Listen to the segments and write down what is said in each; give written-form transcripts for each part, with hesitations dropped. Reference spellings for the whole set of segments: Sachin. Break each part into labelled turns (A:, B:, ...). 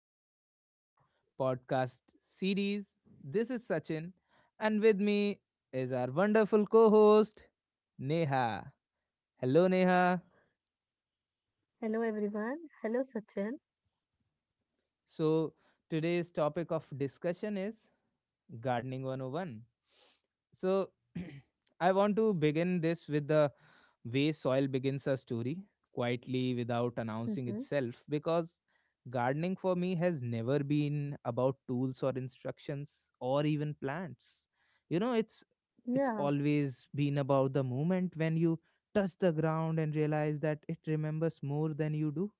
A: back to our podcast series. This is Sachin, and with me is our wonderful co host, Neha. Hello, Neha.
B: Hello everyone. Hello Sachin.
A: So, Today's topic of discussion is Gardening 101. So, I want to begin this with the way soil begins a story quietly without announcing
B: Mm-hmm.
A: itself, because gardening for me has never been about tools or instructions or even plants. It's it's
B: Yeah.
A: always been about the moment when you touch the ground and realize that it remembers more than you do,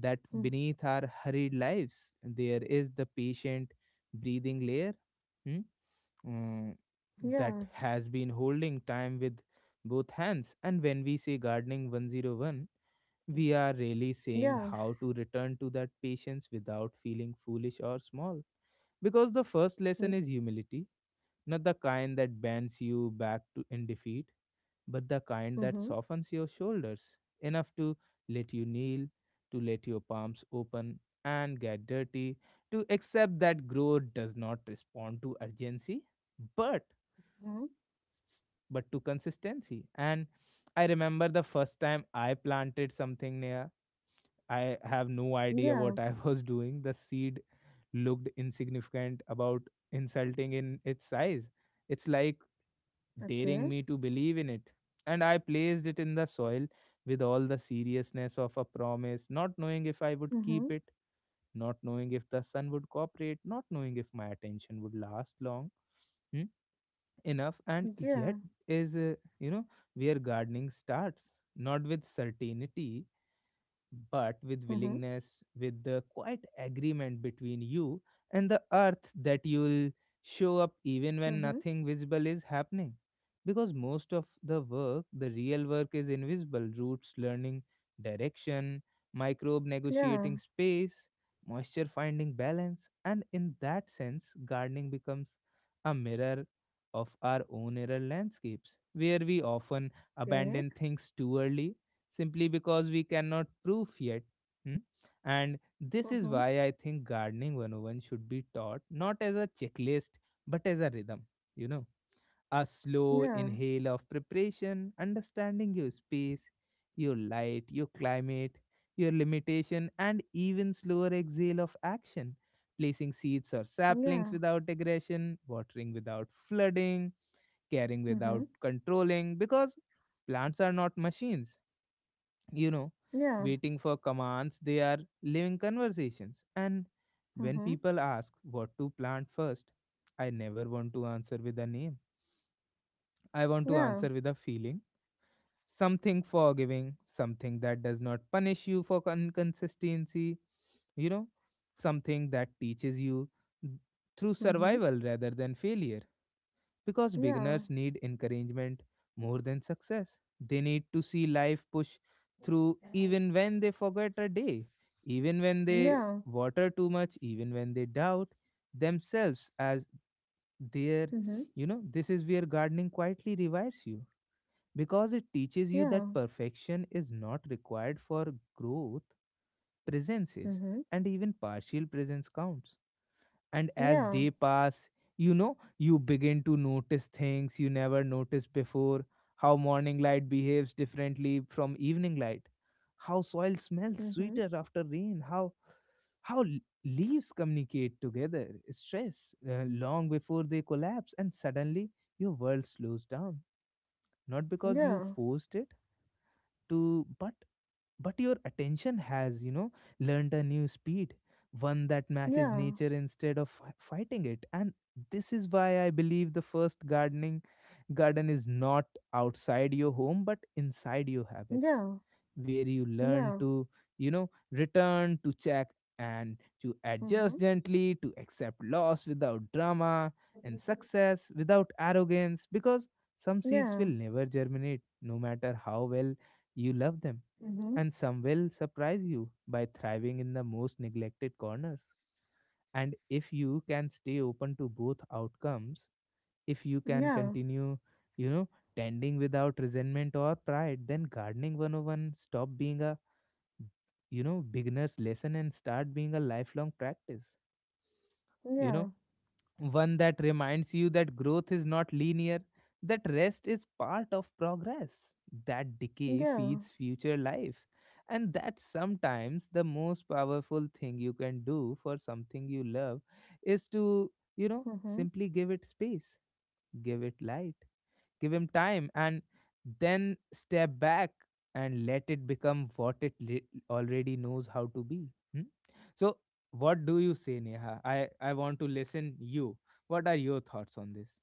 A: that
B: Mm-hmm.
A: beneath our hurried lives there is the patient breathing layer, hmm, mm, that
B: Yeah.
A: has been holding time with both hands. And when we say gardening 101, we are really saying
B: Yeah.
A: how to return to that patience without feeling foolish or small, because the first lesson is humility. Not the kind that bends you back to in defeat, but the kind that
B: Mm-hmm.
A: softens your shoulders enough to let you kneel, to let your palms open and get dirty, to accept that growth does not respond to urgency, but
B: Mm-hmm.
A: but to consistency. And I remember the first time I planted something near. I have no idea
B: Yeah.
A: what I was doing. The seed looked insignificant, about insulting in its size. It's like daring
B: Okay.
A: me to believe in it. And I placed it in the soil with all the seriousness of a promise, not knowing if I would keep
B: Mm-hmm.
A: it, not knowing if the sun would cooperate, not knowing if my attention would last long hmm, enough. And yet,
B: Yeah.
A: is where gardening starts, not with certainty but with
B: Mm-hmm.
A: willingness, with the quiet agreement between you and the earth that you'll show up even when
B: Mm-hmm.
A: nothing visible is happening. Because most of the work, the real work, is invisible. Roots learning direction, microbe
B: Yeah.
A: negotiating space, moisture finding balance, and in that sense, gardening becomes a mirror of our own error landscapes, where we often
B: Okay.
A: abandon things too early simply because we cannot prove yet. Hmm? And this is
B: Mm-hmm.
A: why I think gardening 101 should be taught not as a checklist but as a rhythm, you know. A slow
B: Yeah.
A: inhale of preparation, understanding your space, your light, your climate, your limitation, and even slower exhale of action. Placing seeds or saplings
B: Yeah.
A: without aggression, watering without flooding, caring without
B: Mm-hmm.
A: controlling, because plants are not machines, you know,
B: Yeah.
A: waiting for commands. They are living conversations. And when
B: Mm-hmm.
A: people ask what to plant first, I never want to answer with a name. I want to
B: Yeah.
A: answer with a feeling, something forgiving, something that does not punish you for inconsistency, you know, something that teaches you through
B: Mm-hmm.
A: survival rather than failure, because
B: Yeah.
A: beginners need encouragement more than success. They need to see life push through even when they forget a day, even when they
B: Yeah.
A: water too much, even when they doubt themselves as their,
B: Mm-hmm.
A: you know, this is where gardening quietly revives you, because it teaches you
B: Yeah.
A: that perfection is not required for growth, presence is,
B: Mm-hmm.
A: and even partial presence counts. And as
B: Yeah.
A: day pass, you know, you begin to notice things you never noticed before. How morning light behaves differently from evening light, how soil smells
B: Mm-hmm.
A: sweeter after rain, how leaves communicate together stress, long before they collapse. And suddenly your world slows down, not because you
B: Yeah.
A: forced it to, but your attention has, you know, learned a new speed, one that matches
B: Yeah.
A: nature instead of fighting it. And this is why I believe the first garden is not outside your home but inside your habits,
B: Yeah.
A: where you learn
B: Yeah.
A: to, you know, return to check and to
B: Mm-hmm.
A: adjust gently, to accept loss without drama and success without arrogance, because some seeds
B: Yeah.
A: will never germinate no matter how well you love them,
B: Mm-hmm.
A: and some will surprise you by thriving in the most neglected corners. And if you can stay open to both outcomes, if you can
B: Yeah.
A: continue, you know, tending without resentment or pride, then gardening 101 stop being a, you know, beginner's lesson and start being a lifelong practice. You know,
B: Yeah.
A: one that reminds you that growth is not linear, that rest is part of progress, that decay
B: Yeah,
A: feeds future life, and that sometimes the most powerful thing you can do for something you love is to, you know,
B: hmm
A: simply give it space, give it light, give him time, and then step back and let it become what it already knows how to be. Hmm? So what do you say, Neha? I want to listen you. What are your thoughts on this?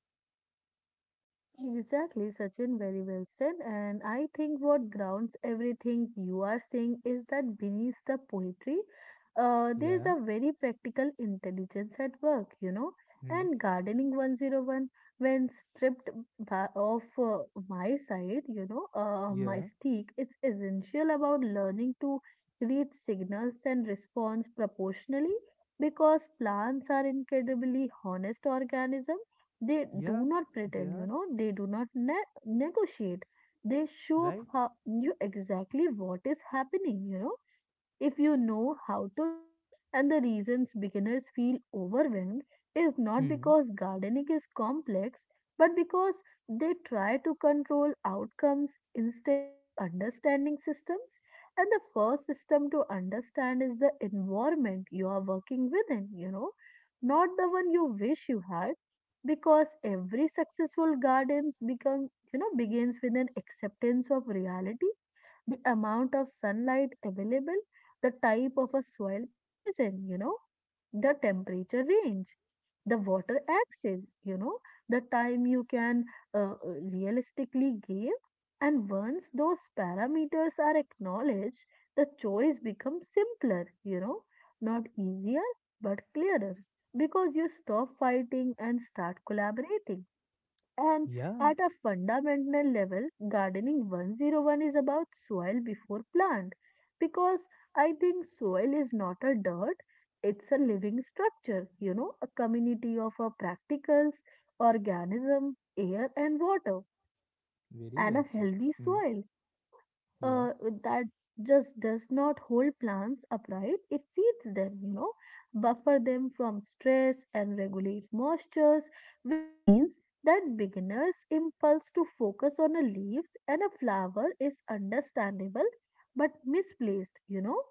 B: exactly, Sachin. Very well said. And I think what grounds everything you are saying is that beneath the poetry, there is
A: Yeah.
B: a very practical intelligence at work, you know.
A: Hmm.
B: And gardening 101, when stripped of my side, you know, my
A: Yeah,
B: stick, it's essential about learning to read signals and response proportionally because plants are incredibly honest organisms. They do
A: yeah,
B: not
A: they
B: pretend, you
A: are
B: know, they do not negotiate. They show up
A: right.
B: how, you exactly what is happening, you know. If you know how to look, and the reasons beginners feel overwhelmed is not
A: Hmm.
B: because gardening is complex, but because they try to control outcomes instead of understanding systems. And the first system to understand is the environment you are working within, you know, not the one you wish you had because every successful gardens become you know begins with an acceptance of reality, the amount of sunlight available, the type of a soil present, you know, the temperature range, the water access, you know, the time you can uh, realistically give. And once those parameters are acknowledged, the choice becomes simpler, you know, not easier, but clearer because you stop fighting and start collaborating. And
A: Yeah,
B: at a fundamental level, gardening 101 is about soil before plant because I think soil is not a dirt, it's a living structure, you know, a community of practicals, organism, air, and water.
A: very
B: And
A: well
B: a
A: said.
B: healthy
A: Hmm.
B: soil, you know,
A: Yeah,
B: uh, that just does not hold plants upright. It feeds them, you know, buffer them from stress and regulate moistures, which means that beginner's impulse to focus on a leaves and a flower is understandable but misplaced, you know,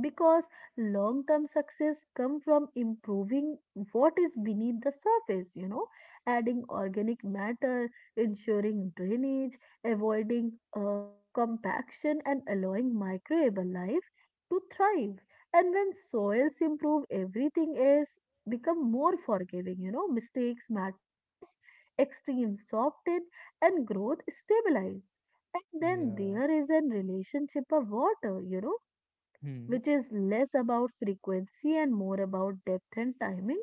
B: because long term success come from improving what is beneath the surface, you know, adding organic matter, ensuring drainage, avoiding uh, compaction, and allowing microbial life to thrive. And when soils improve everything else become more forgiving, you know, mistakes matter less, extremes soften, and growth stabilize. And then
A: yeah.
B: there is a relationship of water, you know,
A: Hmm.
B: which is less about frequency and more about depth and timing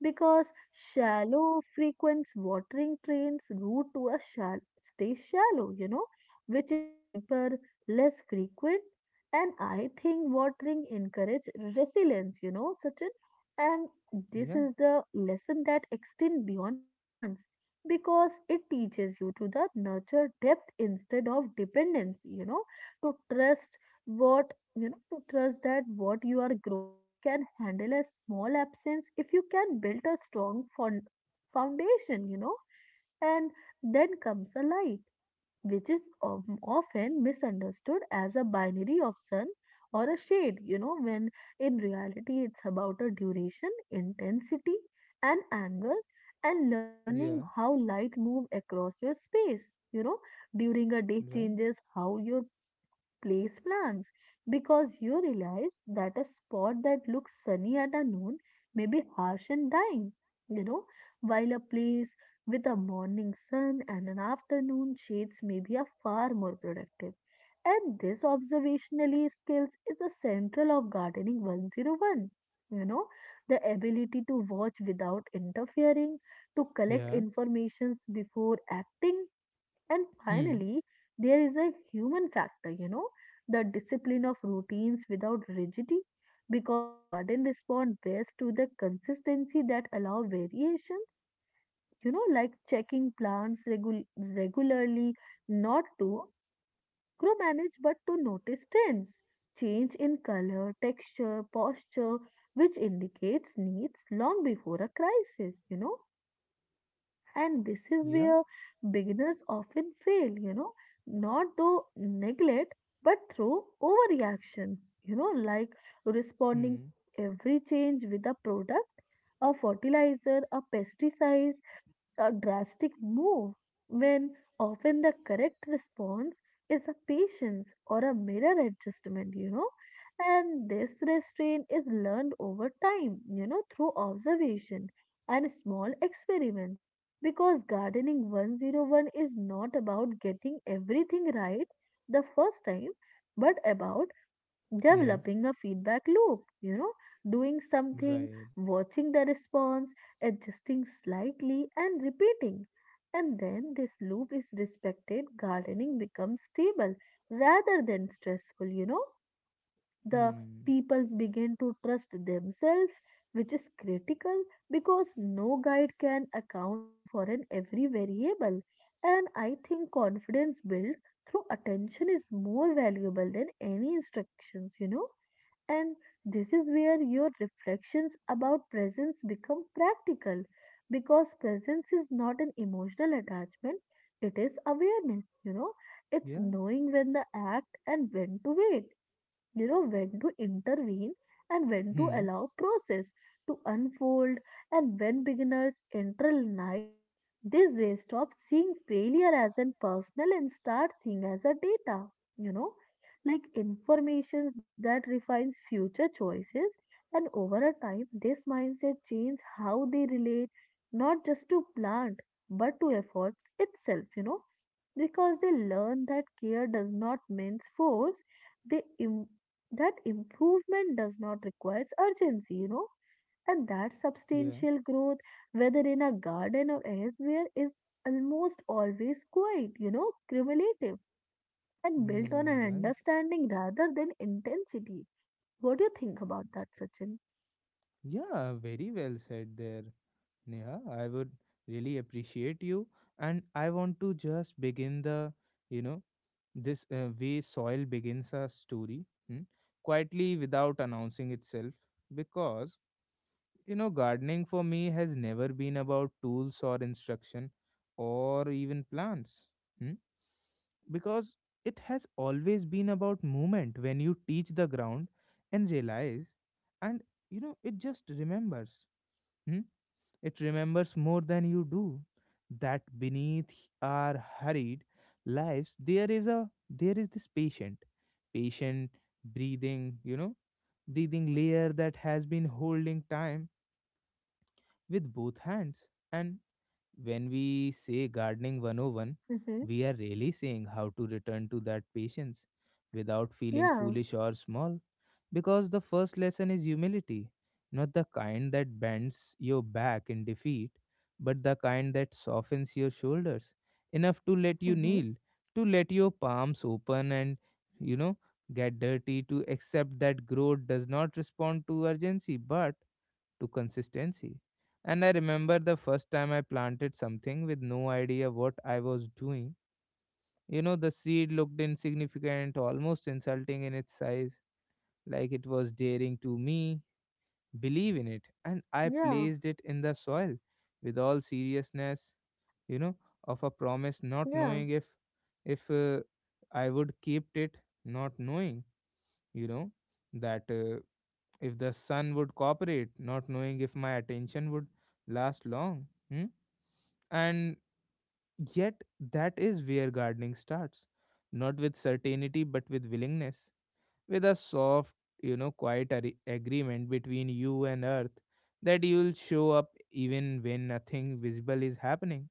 B: because shallow frequent watering trains route to a shall stay shallow, you know, which is deeper, less frequent. And I think watering encourage resilience, you know, such an and this
A: Yeah,
B: is the lesson that extend beyond plants because it teaches you to the nurture depth instead of dependence, you know, to trust what you know to trust that what you are growing can handle a small absence if you can build a strong foundation, you know. And then comes a light which is often misunderstood as a binary of sun or a shade, you know, when in reality it's about a duration intensity and angle and learning
A: yeah,
B: how light move across your space, you know, during a day
A: right,
B: changes how your place plants because you realize that a spot that looks sunny at a noon may be harsh and dying, you know, while a place with a morning sun and an afternoon shades may be a far more productive. And this observationally skills is a central of gardening 101. You know, the ability to watch without interfering, to collect
A: yeah.
B: informations before acting, and
A: Hmm.
B: finally, there is a human factor, you know, the discipline of routines without rigidity, because garden respond best to the consistency that allow variations, you know, like checking plants regularly, not to micromanage, but to notice trends, change in color, texture, posture, which indicates needs long before a crisis, you know. And this is
A: Yeah.
B: where beginners often fail, you know, not through neglect but through overreactions, you know, like responding
A: Hmm.
B: to every change with a product, a fertilizer, a pesticide, a drastic move, when often the correct response is a patience or a mirror adjustment, you know. And this restraint is learned over time, you know, through observation and small experiments. Because gardening 101 is not about getting everything right the first time, but about
A: Yeah,
B: developing a feedback loop, you know, doing something,
A: right.
B: watching the response, adjusting slightly, and repeating. And then this loop is respected, gardening becomes stable rather than stressful, you know. The
A: Hmm.
B: peoples begin to trust themselves, which is critical because no guide can account for an every variable. And I think confidence built through attention is more valuable than any instructions, you know. And this is where your reflections about presence become practical because presence is not an emotional attachment, it is awareness, you know, it's
A: Yeah.
B: knowing when to act and when to wait, you know, when to intervene and when to
A: Hmm.
B: allow process to unfold. And when beginners internalize this, they stop seeing failure as an personal and start seeing as a data, you know, like informations that refines future choices, and over a time this mindset change how they relate not just to plant but to efforts itself, you know, because they learn that care does not mean force, they im- that improvement does not require urgency, you know, and that
A: Yeah.
B: substantial growth, whether in a garden or elsewhere, is almost always quiet, you know, cumulative and built on
A: Hmm,
B: an
A: right.
B: understanding rather than intensity. What do you think about that, Sachin?
A: Yeah, very well said there, Neha. I would really appreciate you. And I want to just begin the, you know, this way soil begins a story, quietly without announcing itself. Because, you know, gardening for me has never been about tools or instruction or even plants. Hmm. Because it has always been about movement when you teach the ground and realize, and you know it just remembers. Hmm? It remembers more than you do, that beneath our hurried lives there is this patient breathing, you know, breathing layer that has been holding time with both hands. And when we say gardening 101,
B: Mm-hmm.
A: we are really saying how to return to that patience without feeling
B: Yeah.
A: foolish or small. Because the first lesson is humility, not the kind that bends your back in defeat, but the kind that softens your shoulders enough to let you
B: Mm-hmm.
A: kneel, to let your palms open and, you know, get dirty, to accept that growth does not respond to urgency but to consistency. And I remember the first time I planted something with no idea what I was doing. You know, the seed looked insignificant, almost insulting in its size, like it was daring to me believe in it. And I
B: Yeah.
A: placed it in the soil with all seriousness, you know, of a promise, not
B: Yeah.
A: knowing if I would keep it, not knowing, you know, that if the sun would cooperate, not knowing if my attention would last long. Hmm? And yet, that is where gardening starts. Not with certainty, but with willingness. With a soft, you know, quiet agreement between you and earth that you'll show up even when nothing visible is happening,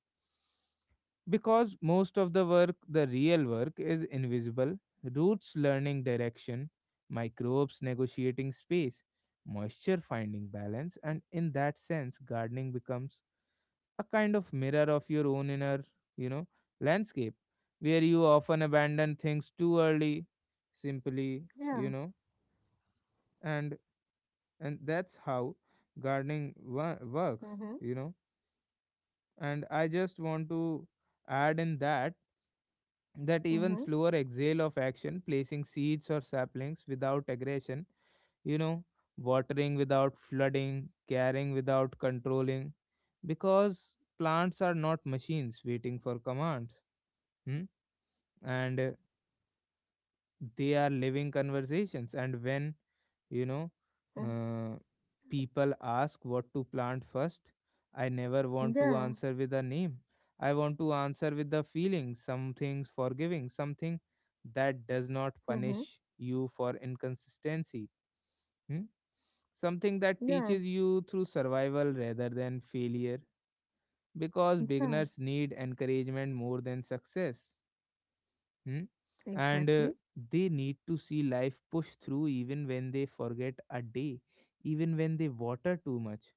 A: because most of the work, the real work, is invisible. Roots learning direction, microbes negotiating space, moisture finding balance, and in that sense, gardening becomes a kind of mirror of your own inner, you know, landscape, where you often abandon things too early, simply, you
B: Yeah.
A: know, and and that's how gardening works,
B: Mm-hmm.
A: you know. And I just want to add in that even
B: Mm-hmm.
A: slower exhale of action, placing seeds or saplings without aggression, you know, watering without flooding, caring without controlling, because plants are not machines waiting for commands, hmm? And they are living conversations. And when, you know,
B: Mm.
A: uh, people ask what to plant first, I never want to
B: Yeah.
A: answer with a name. I want to answer with the feeling, something's forgiving, something that does not
B: Mm-hmm.
A: punish you for inconsistency, hmm? Something that
B: Yeah.
A: teaches you through survival rather than failure, because
B: Yeah.
A: beginners need encouragement more than success. Hmm? And
B: Exactly.
A: they need to see life push through even when they forget a day, even when they water too much.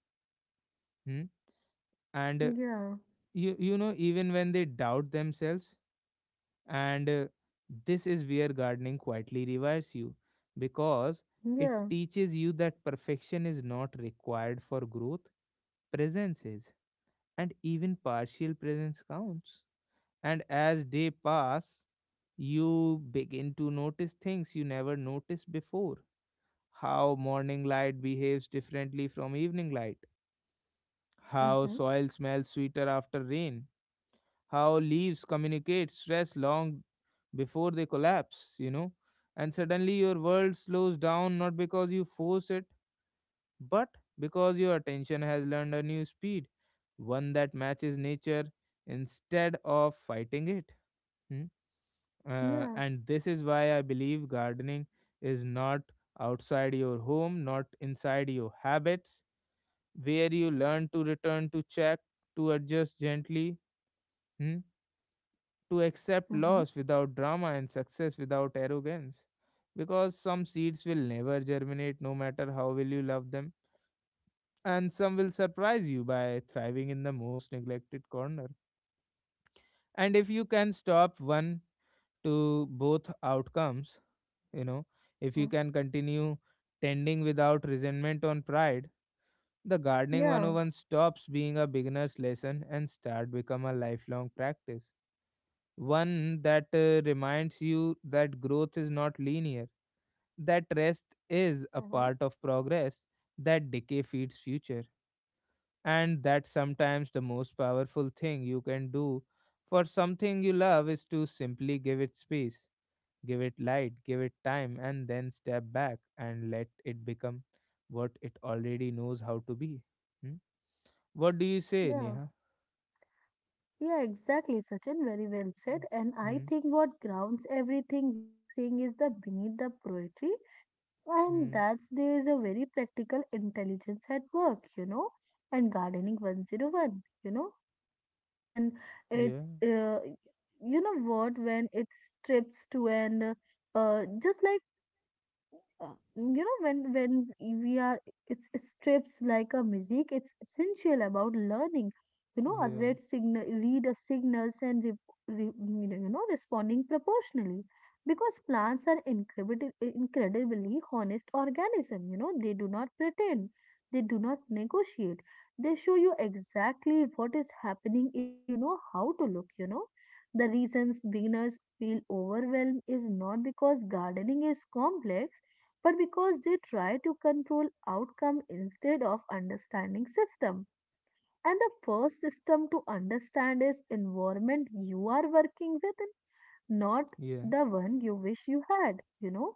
A: Hmm? And
B: Yeah.
A: you know, even when they doubt themselves. And this is where gardening quietly revives you, because it
B: Yeah.
A: teaches you that perfection is not required for growth, presence is. And even partial presence counts. And as day pass, you begin to notice things you never noticed before. How morning light behaves differently from evening light. How
B: Mm-hmm.
A: soil smells sweeter after rain. How leaves communicate stress long before they collapse, you know. And suddenly your world slows down, not because you force it, but because your attention has learned a new speed, one that matches nature instead of fighting it. Hmm? Uh,
B: Yeah.
A: and this is why I believe gardening is not outside your home, not inside your habits, where you learn to return to check, to adjust gently, hmm, to accept
B: Mm-hmm.
A: loss without drama and success without arrogance. Because some seeds will never germinate, no matter how well you love them, and some will surprise you by thriving in the most neglected corner. And if you can stop one to both outcomes, you know if you can continue tending without resentment on pride, the gardening
B: Yeah.
A: 101 stops being a beginner's lesson and start become a lifelong practice, one that reminds you that growth is not linear, that rest is a
B: hmm
A: part of progress, that decay feeds future, and that sometimes the most powerful thing you can do for something you love is to simply give it space, give it light, give it time, and then step back and let it become what it already knows how to be. Hmm? What do you say,
B: Yeah.
A: Neha?
B: Yeah, exactly, Sachin. Very well said. And I
A: Hmm.
B: think what grounds everything you are saying is the beneath the poetry, and
A: Hmm.
B: that's there is a very practical intelligence at work, you know. And gardening 101, you know, when it's,
A: Yeah.
B: you know what, when it strips to an, just like you know when we are it's it strips like a music it's essential about learning, you know, a
A: Yeah.
B: red signal read a signals and re, you know responding proportionally because plants are incredibly honest organism, you know, they do not pretend, they do not negotiate, they show you exactly what is happening if you know how to look, you know. The reasons beginners feel overwhelmed is not because gardening is complex but because they try to control outcome instead of understanding system. And the first system to understand is environment you are working with, not
A: Yeah.
B: the one you wish you had, you know,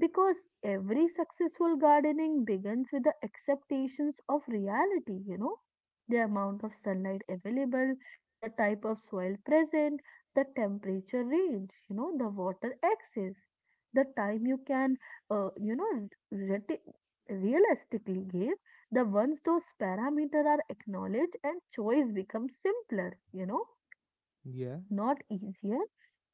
B: because every successful gardening begins with the acceptations of reality, you know, the amount of sunlight available, the type of soil present, the temperature range, you know, the water access, the time you can, you know, realistically give. The once those parameters are acknowledged and choice becomes simpler, you know,
A: Yeah.
B: not easier,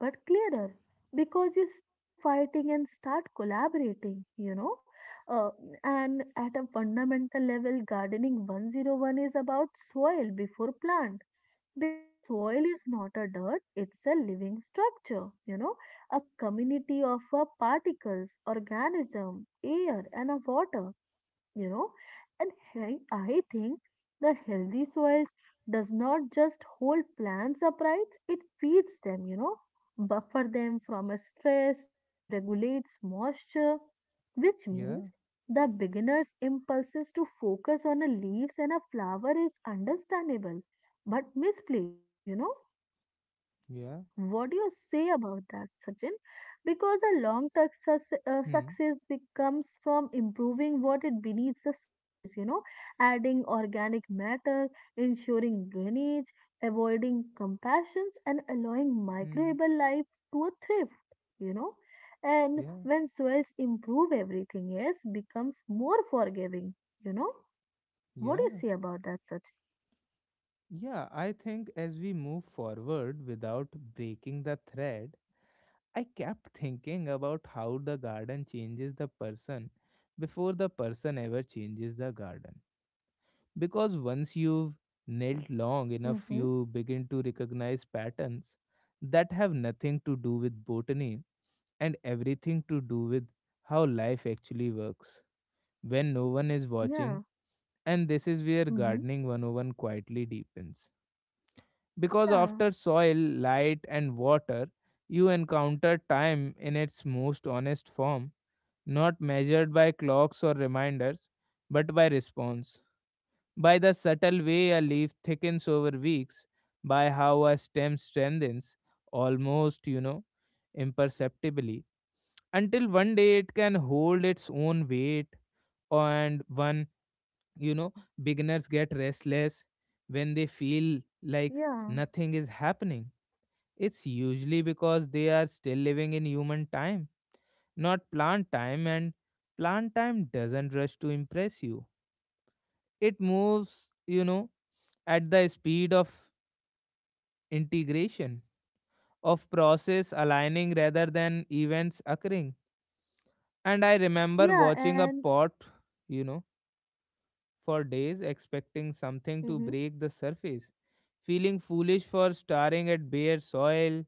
B: but clearer because you stop fighting and start collaborating, you know. Uh, and at a fundamental level, gardening 101 is about soil before plant because soil is not a dirt, it's a living structure, you know, a community of particles, organism, air, and a water, you know. And I think that healthy soils does not just hold plants upright it feeds them, you know, buffer them from a stress and regulates moisture, which
A: Yeah.
B: means the beginner's impulses to focus on a leaves and a flower is understandable but misplaced, you know.
A: Yeah.
B: What do you say about that, Sachin? Because a long term success,
A: Hmm.
B: success becomes from improving what it beneath the surface, you know, adding organic matter, ensuring drainage, avoiding compassions, and allowing
A: Hmm.
B: microbial life to a thrift, you know. And
A: Yeah.
B: when soils improve, everything else becomes more forgiving, you know. What do you
A: Yeah.
B: say about that, Sachin?
A: Yeah. I think as we move forward without breaking the thread, I kept thinking about how the garden changes the person before the person ever changes the garden. Because once you've knelt long enough,
B: Mm-hmm.
A: you begin to recognize patterns that have nothing to do with botany and everything to do with how life actually works when no one is
B: Yeah.
A: watching. And this is where
B: Mm-hmm.
A: gardening 101 quietly deepens. Because
B: Yeah.
A: after soil, light, and water, you encounter time in its most honest form, not measured by clocks or reminders, but by response, by the subtle way a leaf thickens over weeks, by how a stem strengthens almost, imperceptibly, until one day it can hold its own weight, and you know, beginners get restless when they feel like
B: Yeah.
A: nothing is happening. It's usually because they are still living in human time, not plant time, and plant time doesn't rush to impress you. It moves, at the speed of integration, of process aligning rather than events occurring. And I remember
B: Yeah.
A: watching a
B: And
A: pot, you know, for days, expecting something to
B: Mm-hmm.
A: break the surface, feeling foolish for staring at bare soil,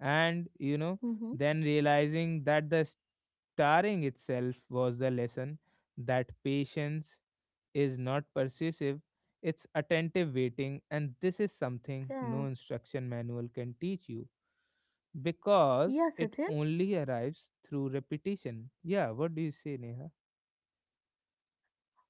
A: and,
B: Mm-hmm.
A: then realizing that the staring itself was the lesson, that patience is not persuasive, it's attentive waiting, and this is something
B: Yeah.
A: no instruction manual can teach you because
B: Yeah,
A: it
B: Sachin.
A: only arrives through repetition. Yeah, what do you say, Neha?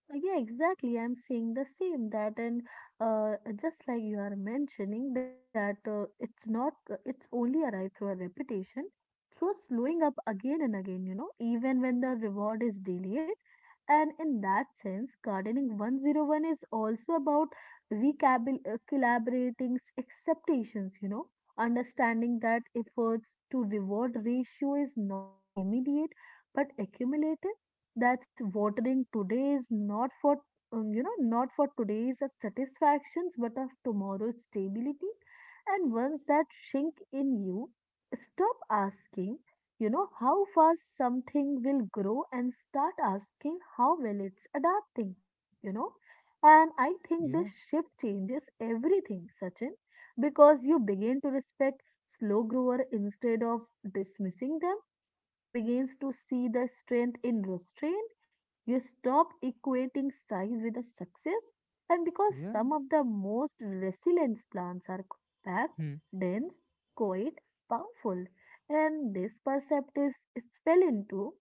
B: Yeah, exactly. I'm saying the same that, and uh, just like you are mentioning that it's not, it's only arrived through a repetition, through slowing up again and again, you know, even when the reward is delayed. And in that sense, gardening 101 is also about recalibrating expectations, you know, understanding that efforts to reward ratio is not an immediate but accumulative that's watering today is not for you know not for today's satisfactions but of tomorrow's stability. And once that sink in you stop asking, you know, how fast something will grow and start asking how well it's adapting, you know. And I think this
A: Yeah,
B: shift changes everything, Sachin, because you begin to respect slow grower instead of dismissing them. You begins to see the strength in restraint. You stop equating size with a success. And because
A: yeah,
B: some of the most resilient plants are compact,
A: hmm,
B: dense, quiet, powerful. And this perceptive spell into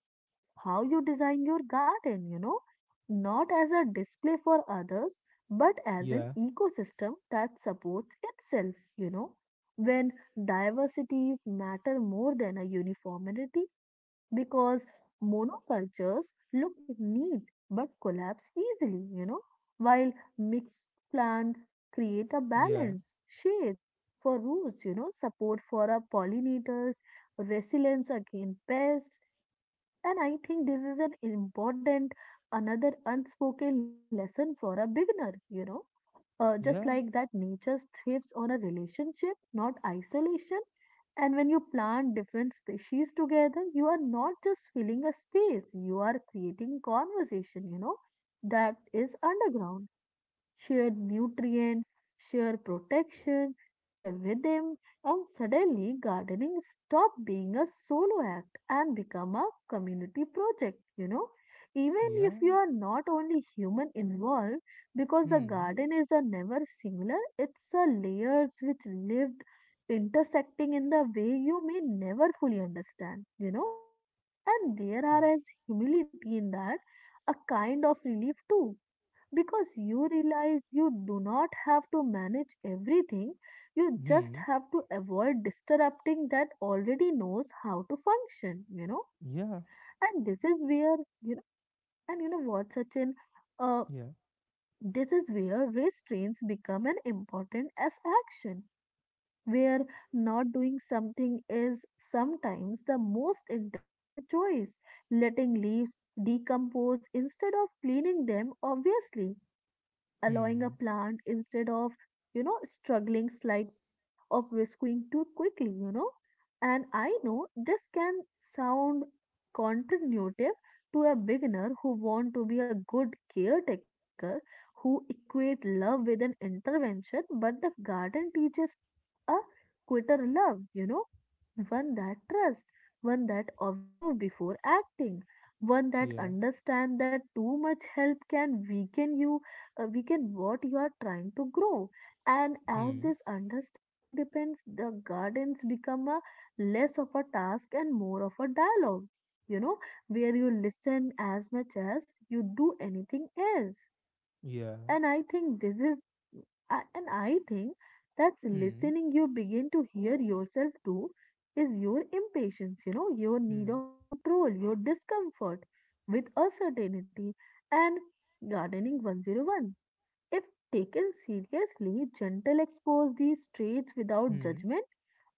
B: how you design your garden, you know, not as a display for others, but as an
A: yeah,
B: ecosystem that supports itself, you know. When diversities matter more than a uniformity, because monocultures look neat but collapse easily, while mixed plants create a
A: yeah,
B: balance, shades for roots, support for our pollinators, resilience against pests. And I think this is an important another unspoken lesson for a beginner, just
A: yeah,
B: like that, nature thrives on a relationship, not isolation. And when you plant different species together, you are not just filling a space, you are creating conversation, that is underground shared nutrients, shared protection, shared rhythm, and suddenly gardening stopped being a solo act and become a community project. Even if you
A: yeah,
B: are not only human involved, because the
A: hmm,
B: garden is a never singular, it's a layers which lived intersecting in the way you may never fully understand. And there
A: yeah,
B: are as humility in that, a kind of relief too because you realize you do not have to manage everything, you just
A: hmm,
B: have to avoid disrupting that already knows how to function.
A: yeah,
B: And this is where, you know, and you know what, Sachin, uh,
A: yeah,
B: this is where restraints become an important as action, where not doing something is sometimes the most intelligent choice. Letting leaves decompose instead of cleaning them, obviously allowing a
A: hmm,
B: plant instead of struggling slightly of rescuing too quickly, and I know this can sound counterintuitive to a beginner who want to be a good caretaker, who equate love with an intervention. But the garden teaches a quitter love, one that trusts, one that observes before acting, one that
A: yeah,
B: understands that too much help can weaken you, weaken what you are trying to grow. And as
A: hmm,
B: this understanding depends, the gardens become a less of a task and more of a dialogue. You know, where you listen as much as you do anything else.
A: yeah,
B: And I think this is, and I think that's
A: hmm,
B: listening you begin to hear yourself too is your impatience, your need
A: hmm,
B: of control, your discomfort with uncertainty. And gardening 101, if taken seriously, gentle expose these traits without
A: hmm,
B: judgment,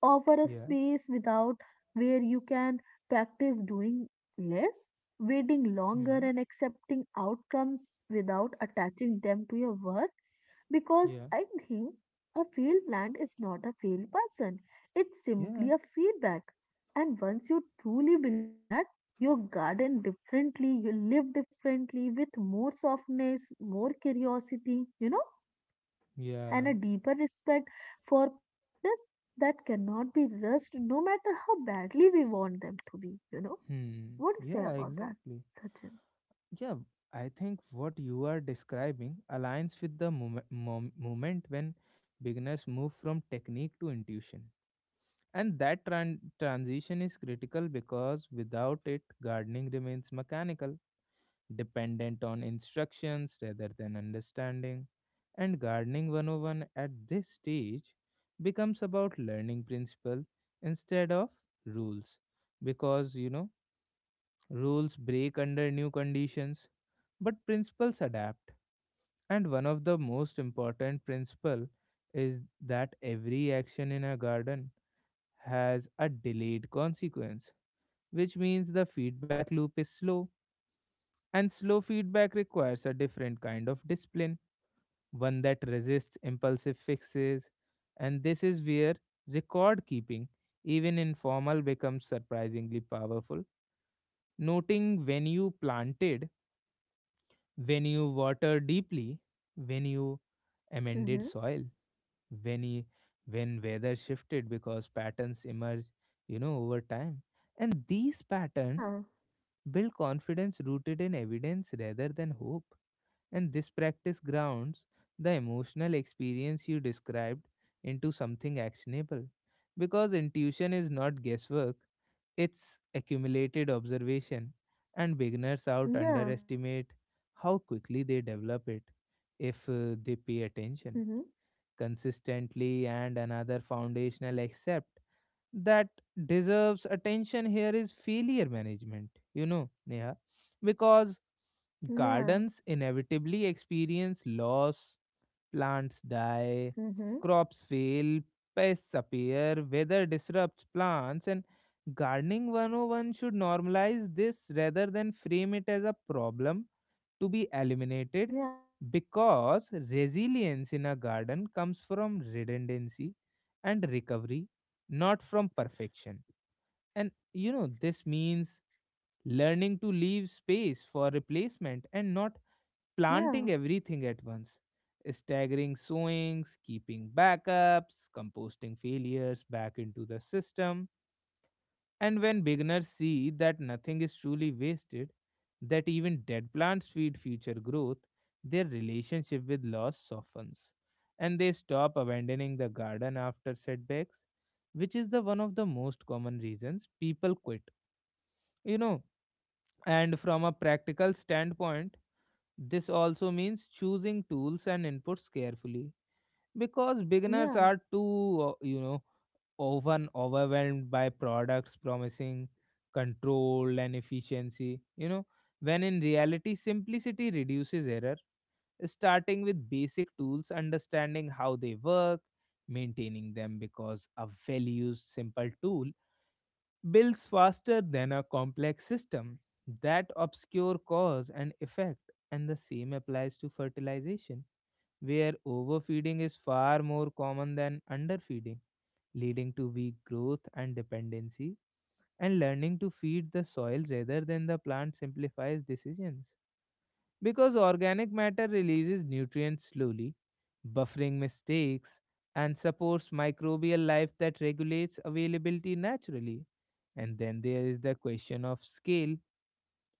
B: offer a
A: yeah,
B: space without where you can practice doing less, waiting longer
A: hmm,
B: and accepting outcomes without attaching them to your worth, because
A: yeah,
B: I think a failed plan is not a failed person. It's
A: yeah,
B: simply a feedback. And once you truly believe that, you garden differently, you live differently with more softness, more curiosity, and
A: yeah,
B: a deeper respect for processes that cannot be rushed no matter how badly we want them to be.
A: hmm,
B: What do you say
A: yeah,
B: about that,
A: exactly.
B: Sachin?
A: Yeah, I think what you are describing aligns with the moment when beginners move from technique to intuition. And that transition is critical because without it, gardening remains mechanical, dependent on instructions rather than understanding. And gardening 101 at this stage becomes about learning principle instead of rules. Because, rules break under new conditions, but principles adapt. And one of the most important principle is that every action in a garden has a delayed consequence, which means the feedback loop is slow, and slow feedback requires a different kind of discipline, one that resists impulsive fixes, and this is where record keeping, even informal, becomes surprisingly powerful. Noting when you planted, when you water deeply, when you amended
B: Mm-hmm.
A: soil, when you, when weather shifted, because patterns emerge, over time. And these patterns
B: Yeah,
A: build confidence rooted in evidence rather than hope. And this practice grounds the emotional experience you described into something actionable. Because intuition is not guesswork, it's accumulated observation, and beginners out
B: yeah,
A: underestimate how quickly they develop it if they pay
B: mm-hmm.
A: attention consistently. And another foundational accept that deserves attention here is failure management, you know, Neha, because
B: Yeah,
A: gardens inevitably experience loss, plants die,
B: mm-hmm.
A: crops fail, pests appear, weather disrupts plants, and gardening 101 should normalize this rather than frame it as a problem to be eliminated,
B: Yeah.
A: because resilience in a garden comes from redundancy and recovery, not from perfection. And this means learning to leave space for replacement and not
B: Yeah.
A: planting everything at once, staggering sowings, keeping backups, composting failures back into the system. And when beginners see that nothing is truly wasted, that even dead plants feed future growth, their relationship with loss softens and they stop abandoning the garden after setbacks, which is the one of the most common reasons people quit. You know, and from a practical standpoint, this also means choosing tools and inputs carefully, because beginners
B: Yeah,
A: are too, often overwhelmed by products promising control and efficiency, when in reality, simplicity reduces error. Starting with basic tools, understanding how they work, maintaining them, because a well used simple tool builds faster than a complex system that obscure cause and effect. And the same applies to fertilization, where overfeeding is far more common than underfeeding, leading to weak growth and dependency. And learning to feed the soil rather than the plant simplifies decisions, because organic matter releases nutrients slowly, buffering mistakes, and supports microbial life that regulates availability naturally. And then there is the question of scale,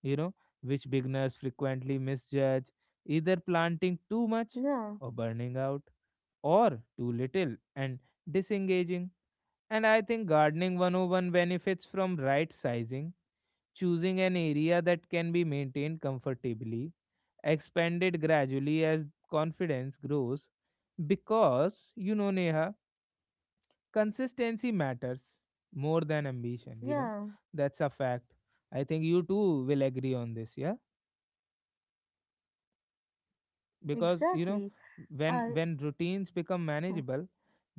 A: you know, which beginners frequently misjudge, either planting too much
B: yeah,
A: or burning out, or too little and disengaging. And I think gardening 101 benefits from right sizing, choosing an area that can be maintained comfortably, expanded gradually as confidence grows. Because, you know, Neha, consistency matters more than ambition,
B: yeah,
A: that's a fact. I think you too will agree on this, yeah? Because,
B: exactly.
A: when
B: I,
A: when routines become
B: mm,
A: manageable,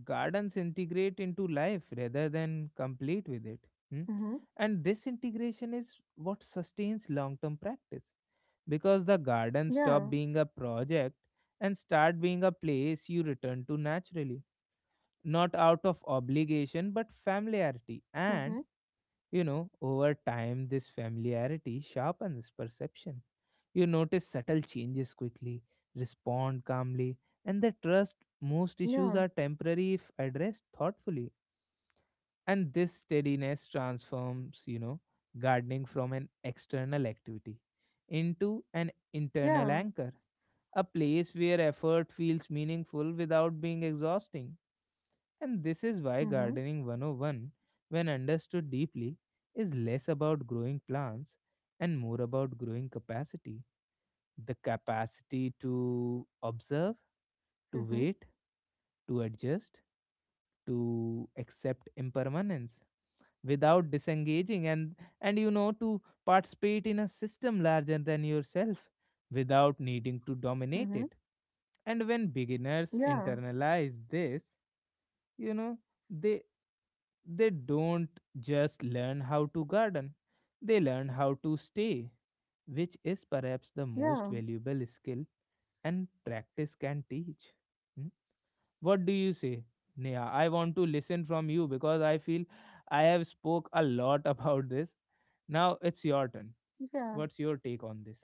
A: gardens integrate into life rather than complete with it. hmm?
B: mm-hmm,
A: And this integration is what sustains long term practice, because the garden
B: yeah,
A: stopped being a project and start being a place you return to naturally, not out of obligation but familiarity.
B: mm-hmm,
A: And over time, this familiarity sharpens perception. You notice subtle changes quickly, respond calmly, and the trust most
B: yeah,
A: issues are temporary if addressed thoughtfully. And this steadiness transforms, gardening from an external activity into an
B: yeah,
A: internal anchor, a place where effort feels meaningful without being exhausting. And this is why
B: mm-hmm,
A: Gardening 101, when understood deeply, is less about growing plants and more about growing capacity. The capacity to observe, to
B: mm-hmm,
A: wait, to adjust, to accept impermanence without disengaging, and to participate in a system larger than yourself without needing to
B: mm-hmm,
A: dominate it. And when beginners
B: yeah,
A: internalize this, you know they don't just learn how to garden, they learn how to stay, which is perhaps the
B: yeah,
A: most valuable skill and practice can teach. What do you say, Neha? I want to listen from you because I feel I have spoke a lot about this. Now it's your turn.
B: yeah.
A: What's your take on this?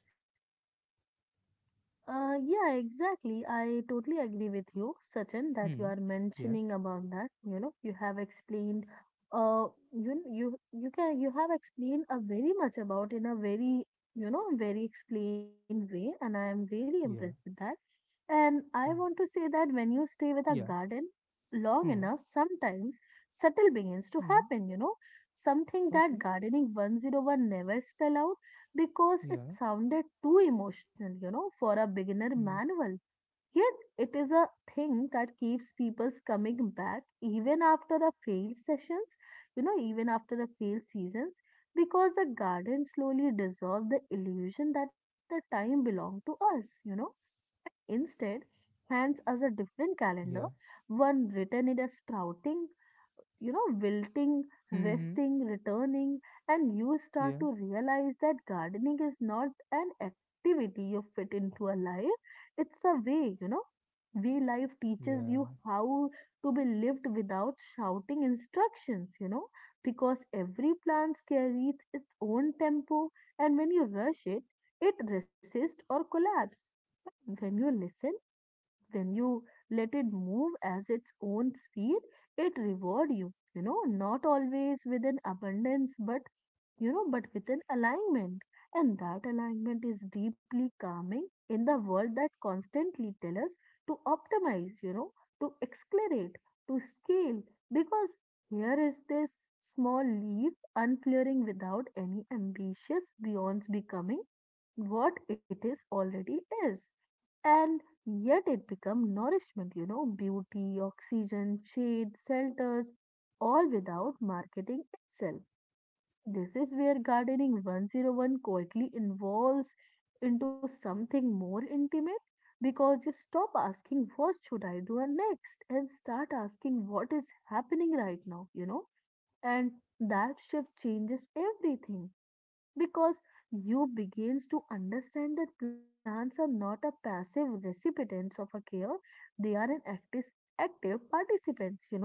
B: Yeah, exactly. I totally agree with you, Sachin, that you
A: Hmm.
B: are
A: Yeah.
B: mentioning about that. You have explained, uh, you have explained a very much about in a very very explained way, and I am really impressed with
A: Yeah.
B: that. And I want to
A: uh,
B: say that when you stay with a
A: Yeah.
B: garden long enough,
A: Hmm.
B: sometimes subtle begins to
A: Hmm.
B: happen. Something that
A: Okay.
B: gardening 101 never spell out because it
A: Yeah.
B: sounded too emotional, for a beginner
A: Hmm.
B: manual. Yet, it is a thing that keeps people coming back even after a failed sessions, even after a failed seasons, because the garden slowly dissolved the illusion that a time belonged to us, instead hands us a different calendar,
A: Yeah.
B: one written in a sprouting, wilting,
A: Hmm.
B: resting, returning, and you start
A: Yeah.
B: to realize that gardening is not an activity you fit into a life, it's a way, you know. Way life teaches
A: Yeah.
B: you how to be lived without shouting instructions, because every plant carries its own tempo, and when you rush it, it resists or collapses when you listen when you let it move as its own speed, it reward you, not always with an abundance, but but with an alignment. And that alignment is deeply calming in the world that constantly tell us to optimize, to accelerate, to scale. Because here is this small leaf unflaring without any ambitious beyond becoming what it is already is. And yet it become nourishment, beauty, oxygen, shade, shelters, all without marketing itself. This is where gardening 101 quietly evolves into something more intimate because you stop asking what should I do next and start asking what is happening right now, and that shift changes everything because you begins to understand that plants are not a passive recipients of a care, they are an active participants,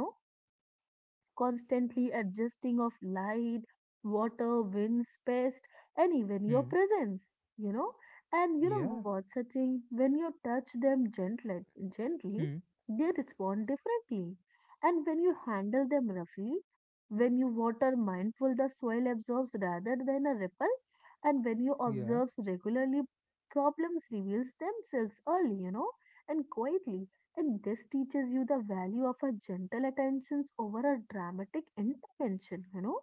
B: constantly adjusting of light, water, wind, space, and even your
A: Hmm.
B: presence, you know. And you know
A: Yeah.
B: what, Sachin, when you touch them gently, gently,
A: Hmm.
B: they respond differently. And when you handle them roughly, when you water mindful, the soil absorbs rather than a ripple. And when you
A: Yeah.
B: observe regularly, problems reveals themselves early, and quietly. And this teaches you the value of a gentle attentions over a dramatic intervention.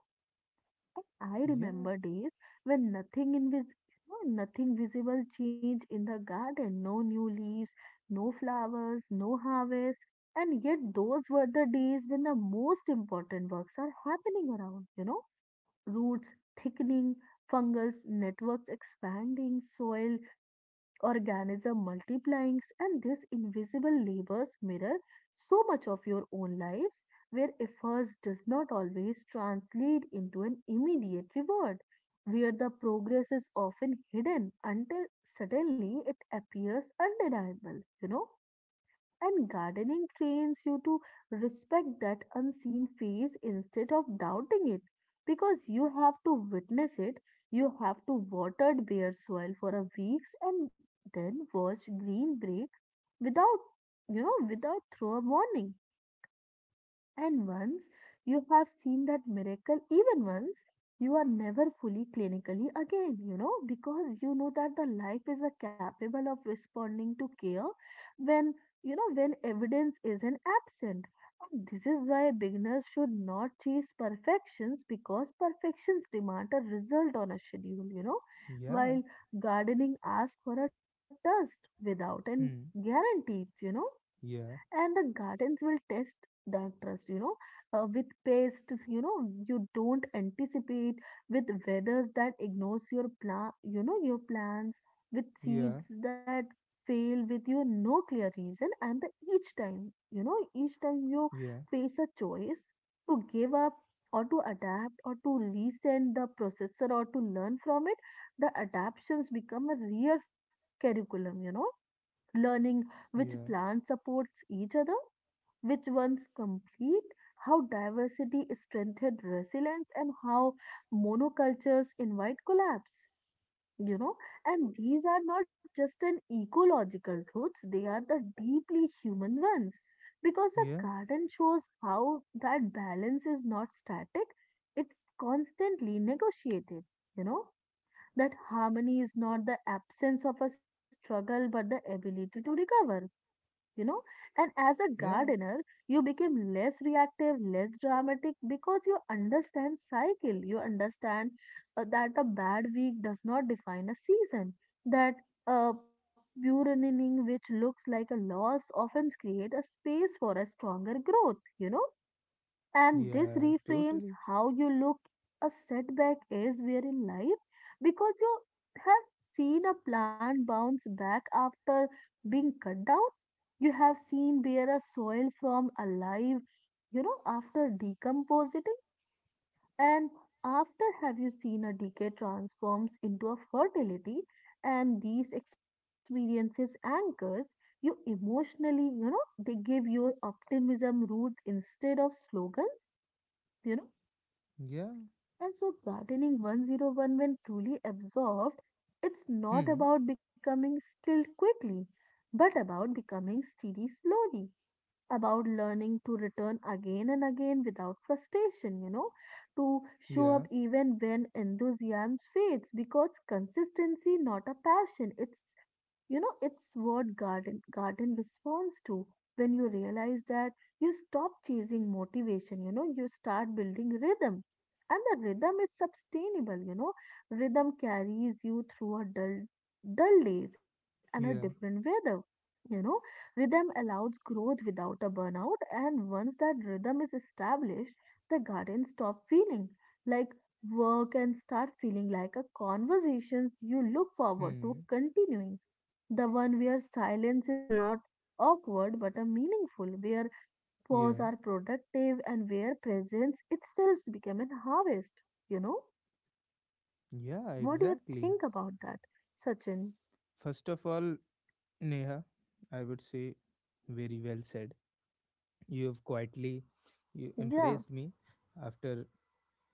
B: And I
A: Yeah.
B: remember days when nothing invis you know, nothing visible changed in the garden, no new leaves, no flowers, no harvest, and yet those were the days when the most important works are happening around, roots thickening, fungus networks expanding, soil organism multiplying, and these invisible labors mirror so much of your own lives where efforts does not always translate into an immediate reward, where the progress is often hidden until suddenly it appears undeniable. And gardening trains you to respect that unseen phase instead of doubting it. Because you have to witness it, you have to water bare soil for a weeks and then watch green break without, you know, without throw a warning. And once you have seen that miracle, even once, you are never fully clinically again, because you know that the life is a capable of responding to care when, when evidence isn't absent. And this is why beginners should not chase perfections, because perfections demand a result on a schedule,
A: Yeah.
B: while gardening asks for a test without and
A: Hmm.
B: guarantees,
A: Yeah.
B: and the gardens will test that trust, with pests, you don't anticipate, with weathers that ignores your plan, your plans, with
A: Yeah.
B: seeds that fail with you no clear reason. And the each time you know each time you
A: Yeah.
B: face a choice to give up or to adapt or to resend the processor or to learn from it, the adaptations become a real curriculum, learning which
A: Yeah.
B: plant supports each other, which ones complete, how diversity strengthened resilience, and how monocultures invite collapse. You know, and these are not just an ecological truths, they are the deeply human ones. Because a
A: Yeah.
B: garden shows how that balance is not static, it's constantly negotiated, you know that harmony is not the absence of a struggle but the ability to recover, you know and as a
A: Yeah.
B: gardener you become less reactive less dramatic because you understand cycle, you understand that a bad week does not define a season, that a burgeoning which looks like a loss often create a space for a stronger growth, and this
A: Yeah.
B: reframes
A: Totally.
B: how you look a setback is where in life, because you have seen a plant bounce back after being cut down. You have seen where a soil from alive, after decomposing, and after have you seen a decay transforms into a fertility, and these experiences anchors you emotionally, they give your optimism roots instead of slogans, you know
A: Yeah.
B: and so, gardening 101, when truly absorbed, it's not
A: Hmm.
B: about becoming skilled quickly, but about becoming steady slowly, about learning to return again and again without frustration, to show up
A: Yeah.
B: even when enthusiasm fades, because consistency, not a passion, it's what garden responds to. When you realize that, you stop chasing motivation, you start building rhythm. And the rhythm is sustainable, Rhythm carries you through a dull days and a different
A: Yeah.
B: weather. You know, rhythm allows growth without a burnout, and once that rhythm is established, the garden stop feeling like work and start feeling like a conversations you look forward to
A: Hmm.
B: continuing, the one where silence is not awkward but a meaningful, where pause are
A: Yeah.
B: productive and where presence itself become an harvest. You know,
A: Yeah.
B: what do you
A: Exactly.
B: think about that, Sachin?
A: First of all, Neha, I would say, very well said. You have quietly, you
B: Yeah,
A: impressed me after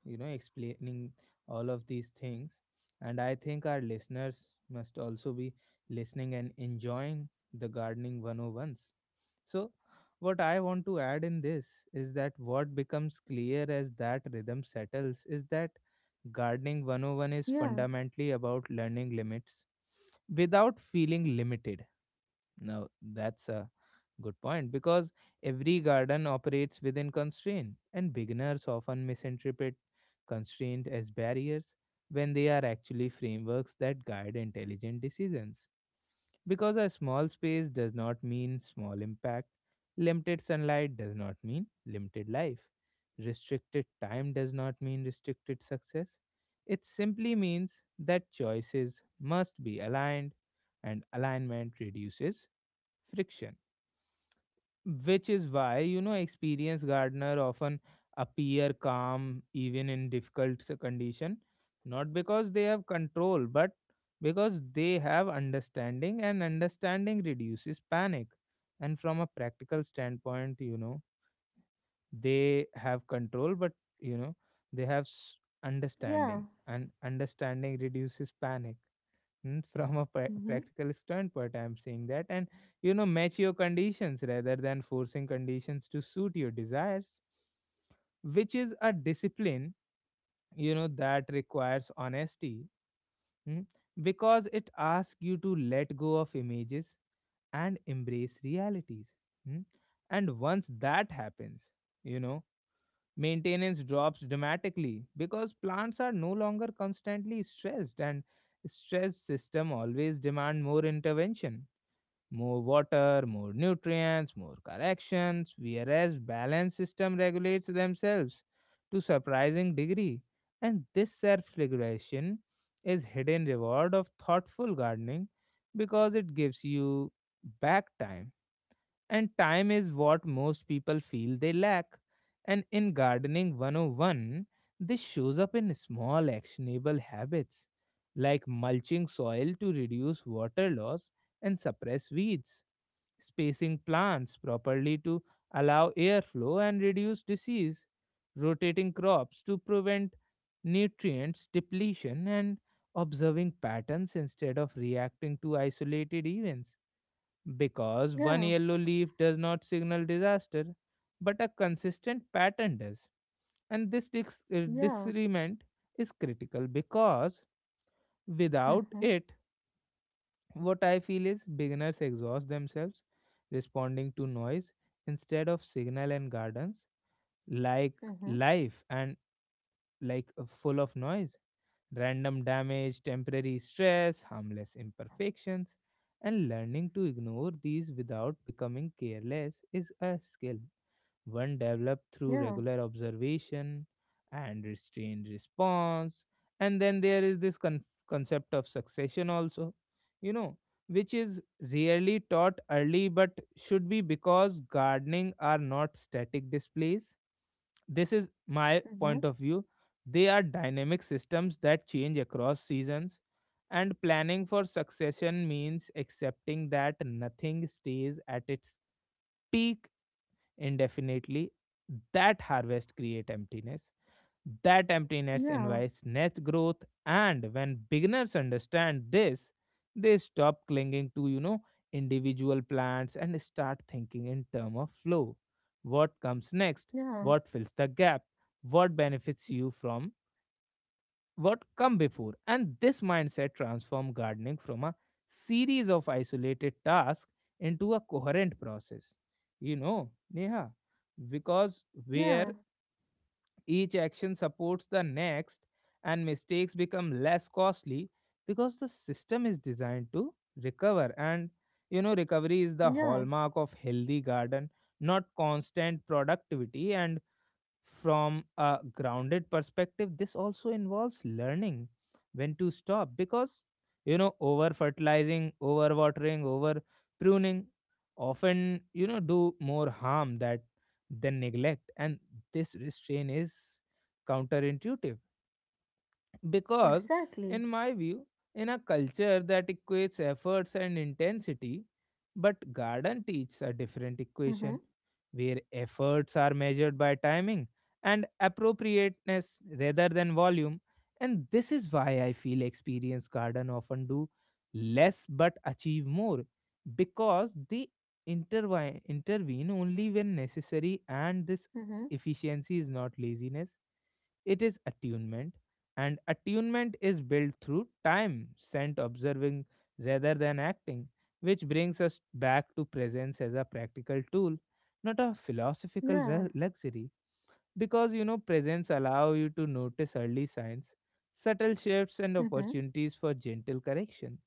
A: explaining all of these things, and I think our listeners must also be listening and enjoying the gardening 101s. So what I want to add in this is that what becomes clear as that rhythm settles is that gardening 101 is
B: yeah,
A: fundamentally about learning limits without feeling limited. Now that's a good point, because every garden operates within constraint, and beginners often misinterpret constraint as barriers when they are actually frameworks that guide intelligent decisions. Because a small space does not mean small impact, limited sunlight does not mean limited life, restricted time does not mean restricted success. It simply means that choices must be aligned, and alignment reduces friction, which is why, you know, experienced gardener often appear calm even in difficult condition, not because they have control but because they have understanding, and understanding reduces panic. And from a practical standpoint, they have control but, you know they have understanding,
B: yeah,
A: and understanding reduces panic. From a
B: mm-hmm.
A: practical standpoint, I'm saying that, and match your conditions rather than forcing conditions to suit your desires, which is a discipline that requires honesty, mm, because it asks you to let go of images and embrace realities mm. And once that happens, you know maintenance drops dramatically because plants are no longer constantly stressed, and stressed system always demand more intervention, more water, more nutrients, more corrections. Whereas balanced system regulates themselves to surprising degree, and this self-regulation is hidden reward of thoughtful gardening because it gives you back time, and time is what most people feel they lack. And in Gardening 101, this shows up in small actionable habits, like mulching soil to reduce water loss and suppress weeds, spacing plants properly to allow airflow and reduce disease, rotating crops to prevent nutrients depletion, and observing patterns instead of reacting to isolated events, because
B: Yeah,
A: one yellow leaf does not signal disaster, but a consistent pattern does. And this
B: yeah,
A: disagreement is critical because without
B: mm-hmm.
A: it, what I feel is beginners exhaust themselves responding to noise instead of signal, and gardens, like
B: Mm-hmm.
A: life, and like full of noise, random damage, temporary stress, harmless imperfections, and learning to ignore these without becoming careless is a skill, one developed through
B: Yeah,
A: regular observation and restrained response. And then there is this concept of succession, also, you know, which is rarely taught early but should be because gardening are not static displays. This is my
B: mm-hmm.
A: point of view. They are dynamic systems that change across seasons, and planning for succession means accepting that nothing stays at its peak indefinitely, that harvest create emptiness, that emptiness
B: Yeah,
A: invites net growth. And when beginners understand this, they stop clinging to, individual plans and start thinking in terms of flow. What comes next?
B: yeah,
A: What fills the gap? What benefits you from what come before? And this mindset transforms gardening from a series of isolated tasks into a coherent process. You know, Neha, because where
B: yeah,
A: each action supports the next, and mistakes become less costly because the system is designed to recover. And recovery is the
B: yeah,
A: hallmark of healthy garden, not constant productivity. And from a grounded perspective, this also involves learning when to stop because, over fertilizing, over watering, over pruning often, do more harm that than neglect. And this restraint is counterintuitive because, in
B: exactly.
A: my view, in a culture that equates efforts and intensity, but garden teaches a
B: Mm-hmm.
A: different equation where efforts are measured by timing and appropriateness rather than volume. And this is why I feel experienced garden often do less but achieve more because they intervine intervene only when necessary, and
B: Mm-hmm.
A: this efficiency is not laziness, it is attunement. And attunement is built through time spent observing rather than acting, which brings us back to presence as a practical tool, not a philosophical
B: Yeah,
A: luxury. Because presence allow you to notice early signs, subtle shifts, and
B: mm-hmm.
A: opportunities for gentle correction.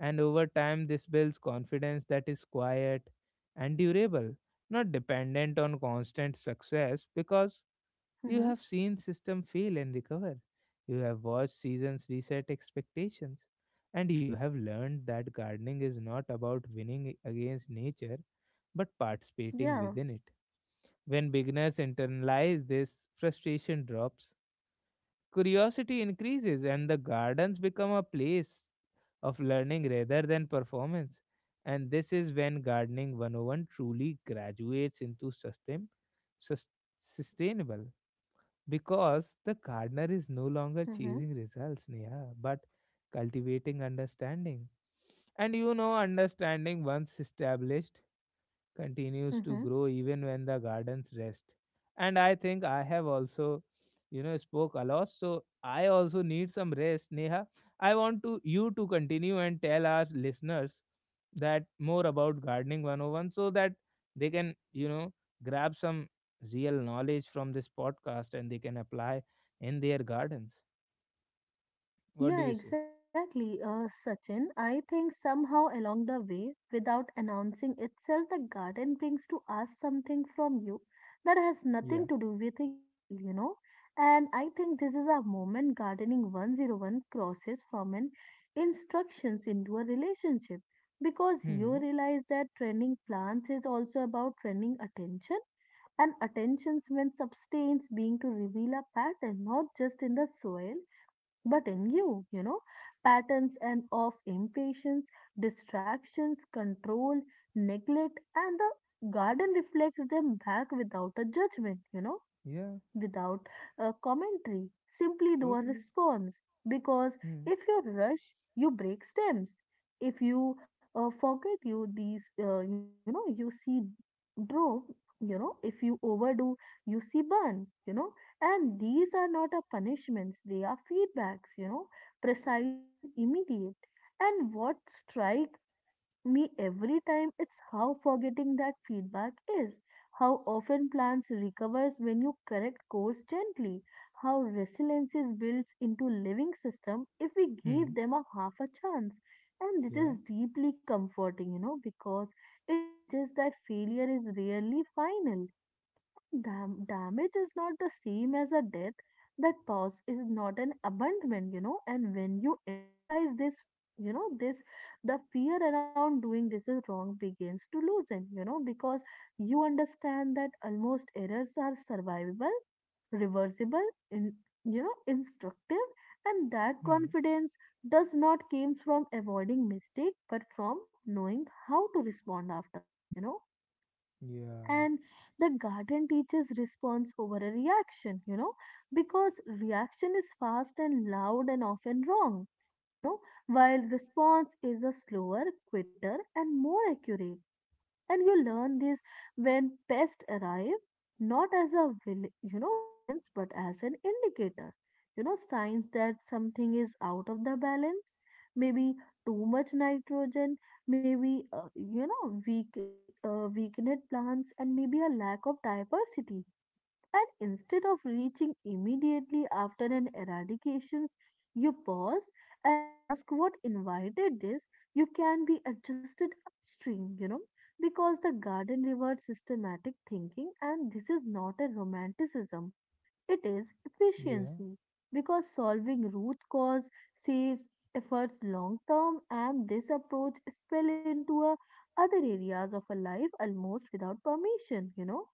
A: And over time, this builds confidence that is quiet and durable, not dependent on constant success. Because you
B: Mm-hmm.
A: have seen system fail and recover. You have watched seasons reset expectations. And you have learned that gardening is not about winning against nature, but participating
B: Yeah,
A: within it. When beginners internalize this, frustration drops, curiosity increases, and the gardens become a place of learning rather than performance. And this is when Gardening 101 truly graduates into sus- sustainable because the gardener is no longer
B: mm-hmm.
A: chasing results, Neha, but cultivating understanding. And understanding once established, continues to
B: Mm-hmm.
A: grow even when the gardens rest. And I think I have also, spoke a lot. So I also need some rest, Neha. I want to you to continue and tell our listeners that more about gardening 101 so that they can, grab some real knowledge from this podcast and they can apply in their gardens. What do
B: Yeah,
A: you say?
B: exactly, uh, Sachin. I think somehow along the way, without announcing itself, the garden brings to us something from you that has
A: Yeah.
B: nothing to do with a child. And I think this is a moment gardening 101 crosses from an instructions into a relationship because you
A: Hmm.
B: realize that training plants is also about training attention and attentions when substance being to reveal a pattern not just in the soil but in you. Patterns and of impatience, distractions, control, neglect, and the garden reflects them back without a judgment,
A: Yeah,
B: without a commentary, simply do a
A: totally.
B: response. Because
A: Hmm.
B: if you rush, you break stems. If you forget, you these you see draw. If you overdo, you see burn. And these are not a punishments; they are feedbacks. Precise and immediate. And what strike me every time it's how forgetting that feedback is, how often plants recovers when you correct course gently, how resilience is built into living system if we
A: Hmm.
B: give them a half a chance. And this
A: Yeah.
B: is deeply comforting, because it suggests that failure is rarely final. Damage is not the same as a death. That pause is not an abandonment. And when you internalize this, the fear around doing this is wrong begins to loosen, because you understand that almost errors are survivable, reversible, instructive. And that
A: Hmm.
B: confidence does not came from avoiding mistake, but from knowing how to respond after them.
A: Yeah.
B: And the garden teaches response over a reaction, because reaction is fast and loud and often wrong, you know, while response is a slower, quicker, and more accurate and you learn this when pests arrive not as a villains but as an indicator signs that something is out of the balance maybe too much nitrogen maybe uh, you know weak weakened plants and maybe a lack of diversity and instead of reaching immediately after an eradication, you pause and ask what invited this. You can be adjusted upstream, because the garden rewards systematic thinking, and this is not a romanticism it is
A: Yeah.
B: efficiency because solving root cause saves efforts long term and this approach spill into a other areas of a life almost without permission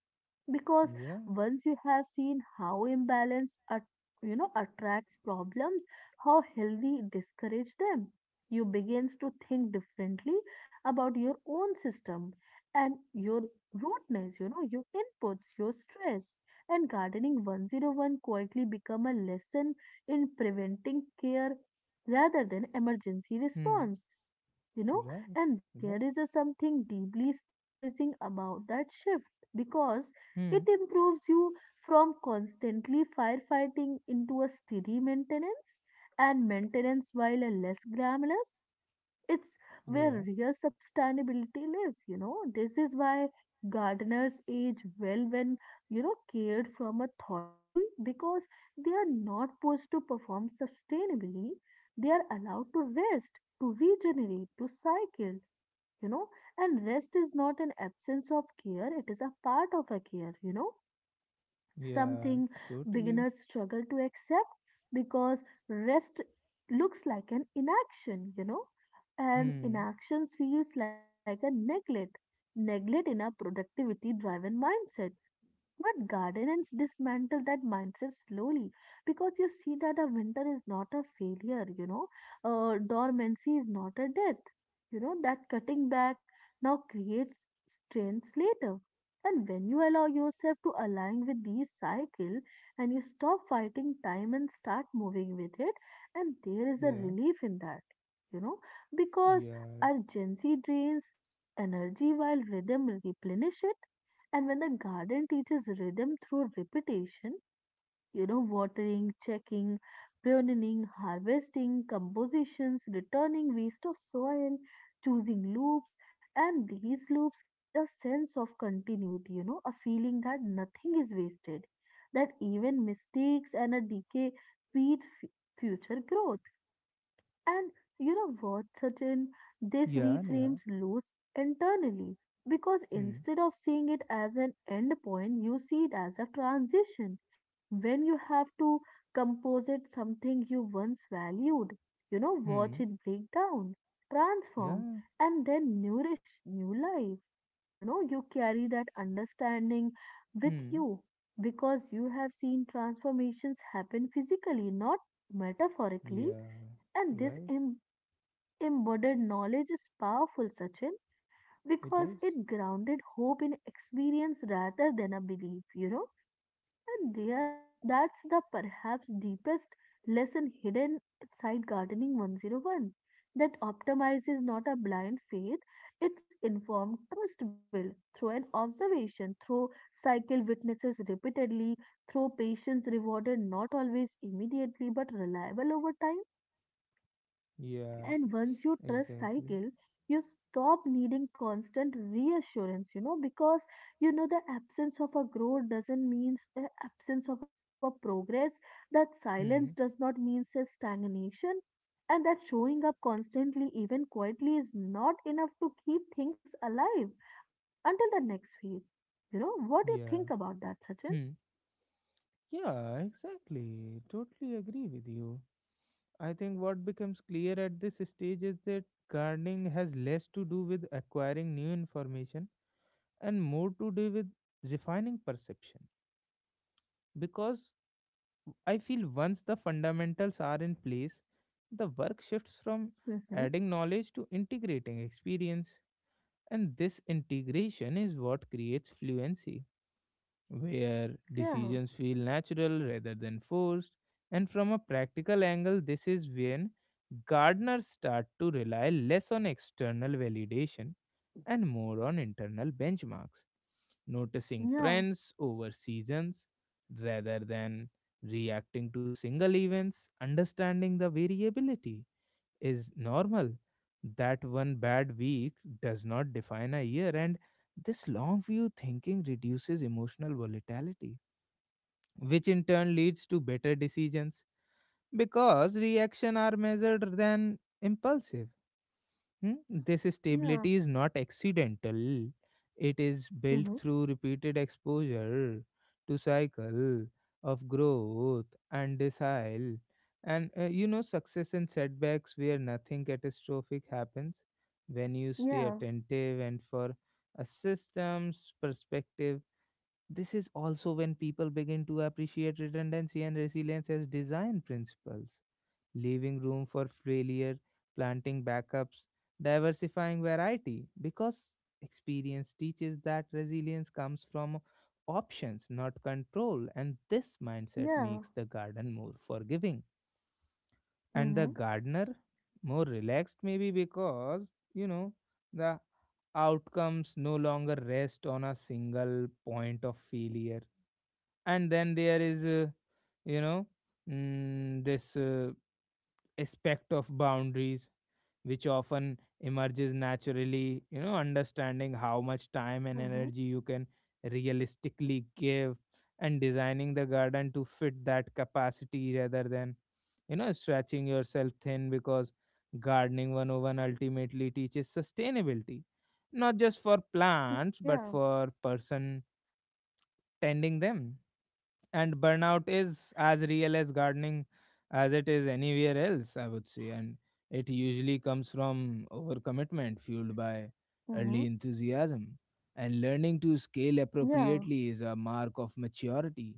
B: because
A: Yeah.
B: once you have seen how imbalance at, attracts problems how healthy discourage them you begins to think differently about your own system and your rootness your inputs your stress and gardening 101 quietly become a lesson in preventing care rather than emergency
A: Hmm.
B: response you know
A: Right.
B: and there
A: Right.
B: is a something deeply stabilizing about that shift because
A: Hmm.
B: it improves you from constantly firefighting into a steady maintenance and maintenance while a less glamorous it's where
A: Yeah.
B: real sustainability lives, This is why gardeners age well when, cared from a thoughtfully because they are not forced to perform sustainably. They are allowed to rest, to regenerate, to cycle, you know. And rest is not an absence of care, it is a part of a care,
A: Yeah.
B: something
A: Totally.
B: beginners struggle to accept because rest looks like an inaction, and
A: Hmm.
B: inaction feels like a neglect. Neglect in a productivity driven mindset but gardeners dismantle that mindset slowly because you see that a winter is not a failure, dormancy is not a death, that cutting back now creates strengths later. And when you allow yourself to align with these cycle and you stop fighting time and start moving with it, and there is a
A: Yeah.
B: relief in that, you know, because
A: Yeah.
B: urgency drains energy while rhythm replenish it and when the garden teaches rhythm through repetition, watering, checking, pruning, harvesting, compositions, returning waste of soil, choosing loops, and these loops create a sense of continuity, a feeling that nothing is wasted, that even mistakes and a decay feed future growth. And you know what, Sachin? This
A: Yeah.
B: reframes
A: Neha.
B: lose internally because
A: Hmm.
B: instead of seeing it as an end point, you see it as a transition. When you have to composite something you once valued, watch
A: Hmm.
B: it break down, transform,
A: Yeah.
B: and then nourish new life. You know, you carry that understanding with
A: Hmm.
B: you because you have seen transformations happen physically, not metaphorically
A: Yeah.
B: and this
A: Right.
B: embodied knowledge is powerful, Sachin,
A: It
B: because
A: is.
B: it grounded hope in experience rather than a belief, And there, that's the perhaps deepest lesson hidden inside gardening 101 that optimize is not a blind faith, it's informed trust built through an observation, through cycle witnesses repeatedly, through patience rewarded not always immediately but reliable over time. And
A: Yeah.
B: once you trust cycle,
A: Exactly.
B: you stop needing constant reassurance, because you know the absence of a growth doesn't mean the absence of a progress, that silence does
A: Hmm.
B: not mean a stagnation, and that showing up constantly, even quietly, is not enough to keep things alive until the next phase. You know, what do you think
A: Yeah.
B: about that, Sachin?
A: Hmm. Yeah, exactly. Totally agree with you. I think what becomes clear at this stage is that gardening has less to do with acquiring new information and more to do with refining perception. Because I feel once the fundamentals are in place, the work shifts from
B: Mm-hmm.
A: adding knowledge to integrating experience. And this integration is what creates fluency where
B: Yeah,
A: decisions feel natural rather than forced. And from a practical angle, this is when gardeners start to rely less on external validation and more on internal benchmarks, noticing
B: yeah,
A: trends over seasons rather than reacting to single events, understanding the variability is normal. That one bad week does not define a year, and this long view thinking reduces emotional volatility, which in turn leads to better decisions because reaction are measured than impulsive. Hmm? This stability
B: yeah,
A: is not accidental, it is built
B: mm-hmm.
A: through repeated exposure to cycle of growth and desile and success and setbacks where nothing catastrophic happens when you stay
B: Yeah,
A: attentive. And for a system's perspective, this is also when people begin to appreciate redundancy and resilience as design principles, leaving room for failure, planting backups, diversifying variety, because experience teaches that resilience comes from options, not control, and this mindset makes
B: yeah,
A: the garden more forgiving and the
B: mm-hmm.
A: gardener more relaxed, maybe because you know the outcomes no longer rest on a single point of failure. And then there is you know this aspect of boundaries, which often emerges naturally, understanding how much time and energy you can realistically give and designing the garden to fit that capacity rather than stretching yourself thin, because gardening 101 ultimately teaches sustainability, not just for
B: Yeah.
A: plants but for person tending them. And burnout is as real as gardening as it is anywhere else, I would say, and it usually comes from overcommitment fueled by
B: Mhm.
A: early enthusiasm. And learning to scale
B: Yeah.
A: appropriately is a mark of maturity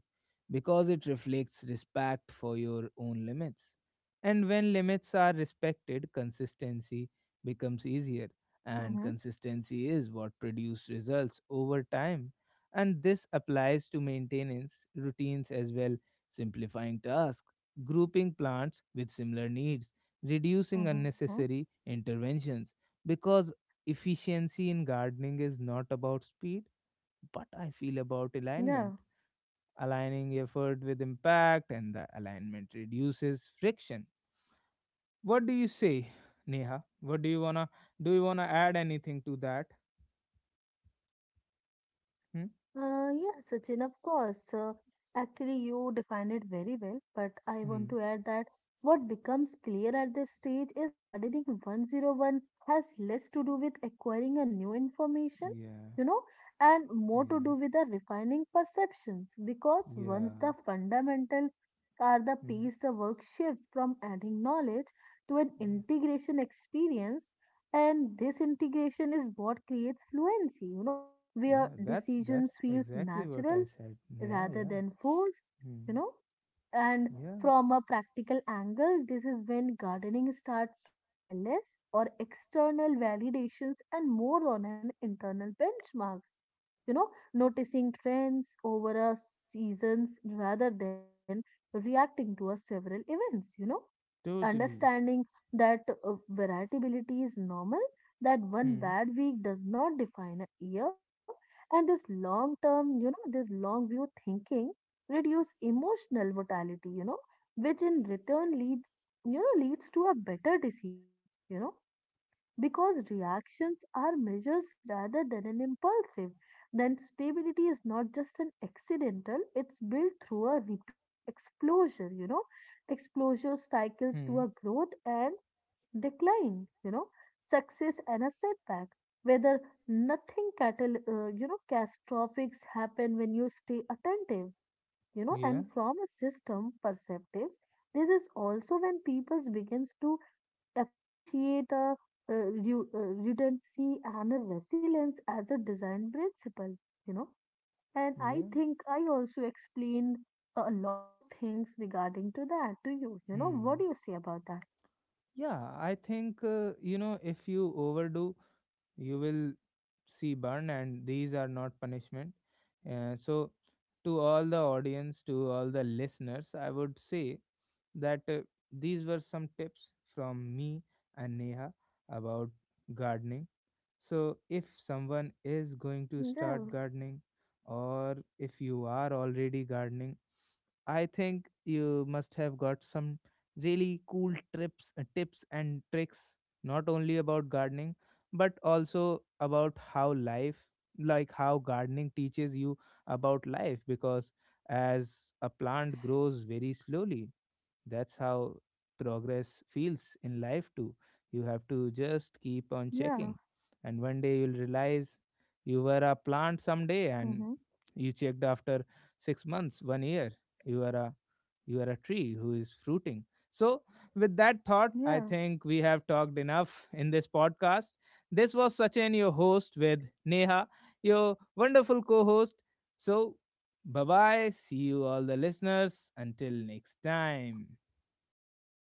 A: because it reflects respect for your own limits, and when limits are respected consistency becomes easier, and
B: Mhm.
A: consistency is what produces results over time. And this applies to maintenance routines as well: simplifying tasks, grouping plants with similar needs, reducing
B: Mhm.
A: unnecessary interventions. Because efficiency in gardening is not about speed, but I feel about
B: Yeah.
A: alignment. Aligning effort with impact, and the alignment reduces friction. What do you say, Neha? What do? You wanna add anything to that? Hmm?
B: Yeah, Sachin, of course. Actually, you defined it very well, but I want
A: Hmm.
B: to add that what becomes clear at this stage is gardening 101 has less to do with acquiring a new information,
A: Yeah.
B: you know, and more to do
A: Yeah.
B: with the refining perceptions because
A: Yeah.
B: once the fundamental are the
A: Hmm.
B: piece, the work shifts from adding knowledge to an
A: Yeah.
B: integration experience, and this integration is what creates fluency, where
A: Yeah, that's
B: decisions
A: that's
B: feels
A: exactly what I
B: natural
A: said. Yeah,
B: rather
A: yeah.
B: than forced, you
A: Hmm.
B: know. And
A: Yeah,
B: from a practical angle, this is when gardening starts to rely less on external validations and more on an internal benchmarks. You know, noticing trends over a seasons rather than reacting to a several events,
A: totally.
B: understanding that variability is normal, that one
A: Hmm.
B: bad week does not define a year, and this long term, this long view thinking reduce emotional volatility, which in return leads, leads to a better decision, because reactions are measures rather than an impulsive. Then stability is not just an accidental, it's built through a repeated exposure, exposure cycles to
A: Hmm.
B: a growth and decline, success and a setback. Whether nothing catastrophics happen when you stay attentive,
A: Yeah.
B: and from a system perspective, this is also when people begins to appreciate a uh, redundancy and a resilience as a design principle you know and I
A: Yeah.
B: think I also explained a lot of things regarding to that to you you know what
A: Hmm.
B: do you say about that?
A: Yeah, I think if you overdo, you will see burn, and these are not punishment. So, to all the audience, to all the listeners, I would say that these were some tips from me and Neha about gardening. So, if someone is going to
B: Yeah.
A: start gardening, or if you are already gardening, I think you must have got some really cool tips and tricks, not only about gardening, but also about how life, like how gardening teaches you about life, because as a plant grows very slowly, that's how progress feels in life too. You have to just keep on
B: Yeah,
A: checking. And one day you'll realize you were a plant someday
B: mm-hmm.
A: and you checked after 6 months, one year. You are a you are a tree who is fruiting. So with that thought, I
B: Yeah.
A: think we have talked enough in this podcast. This was Sachin, your host, with Neha, your wonderful co-host. So bye bye. See you all the listeners. Until next time.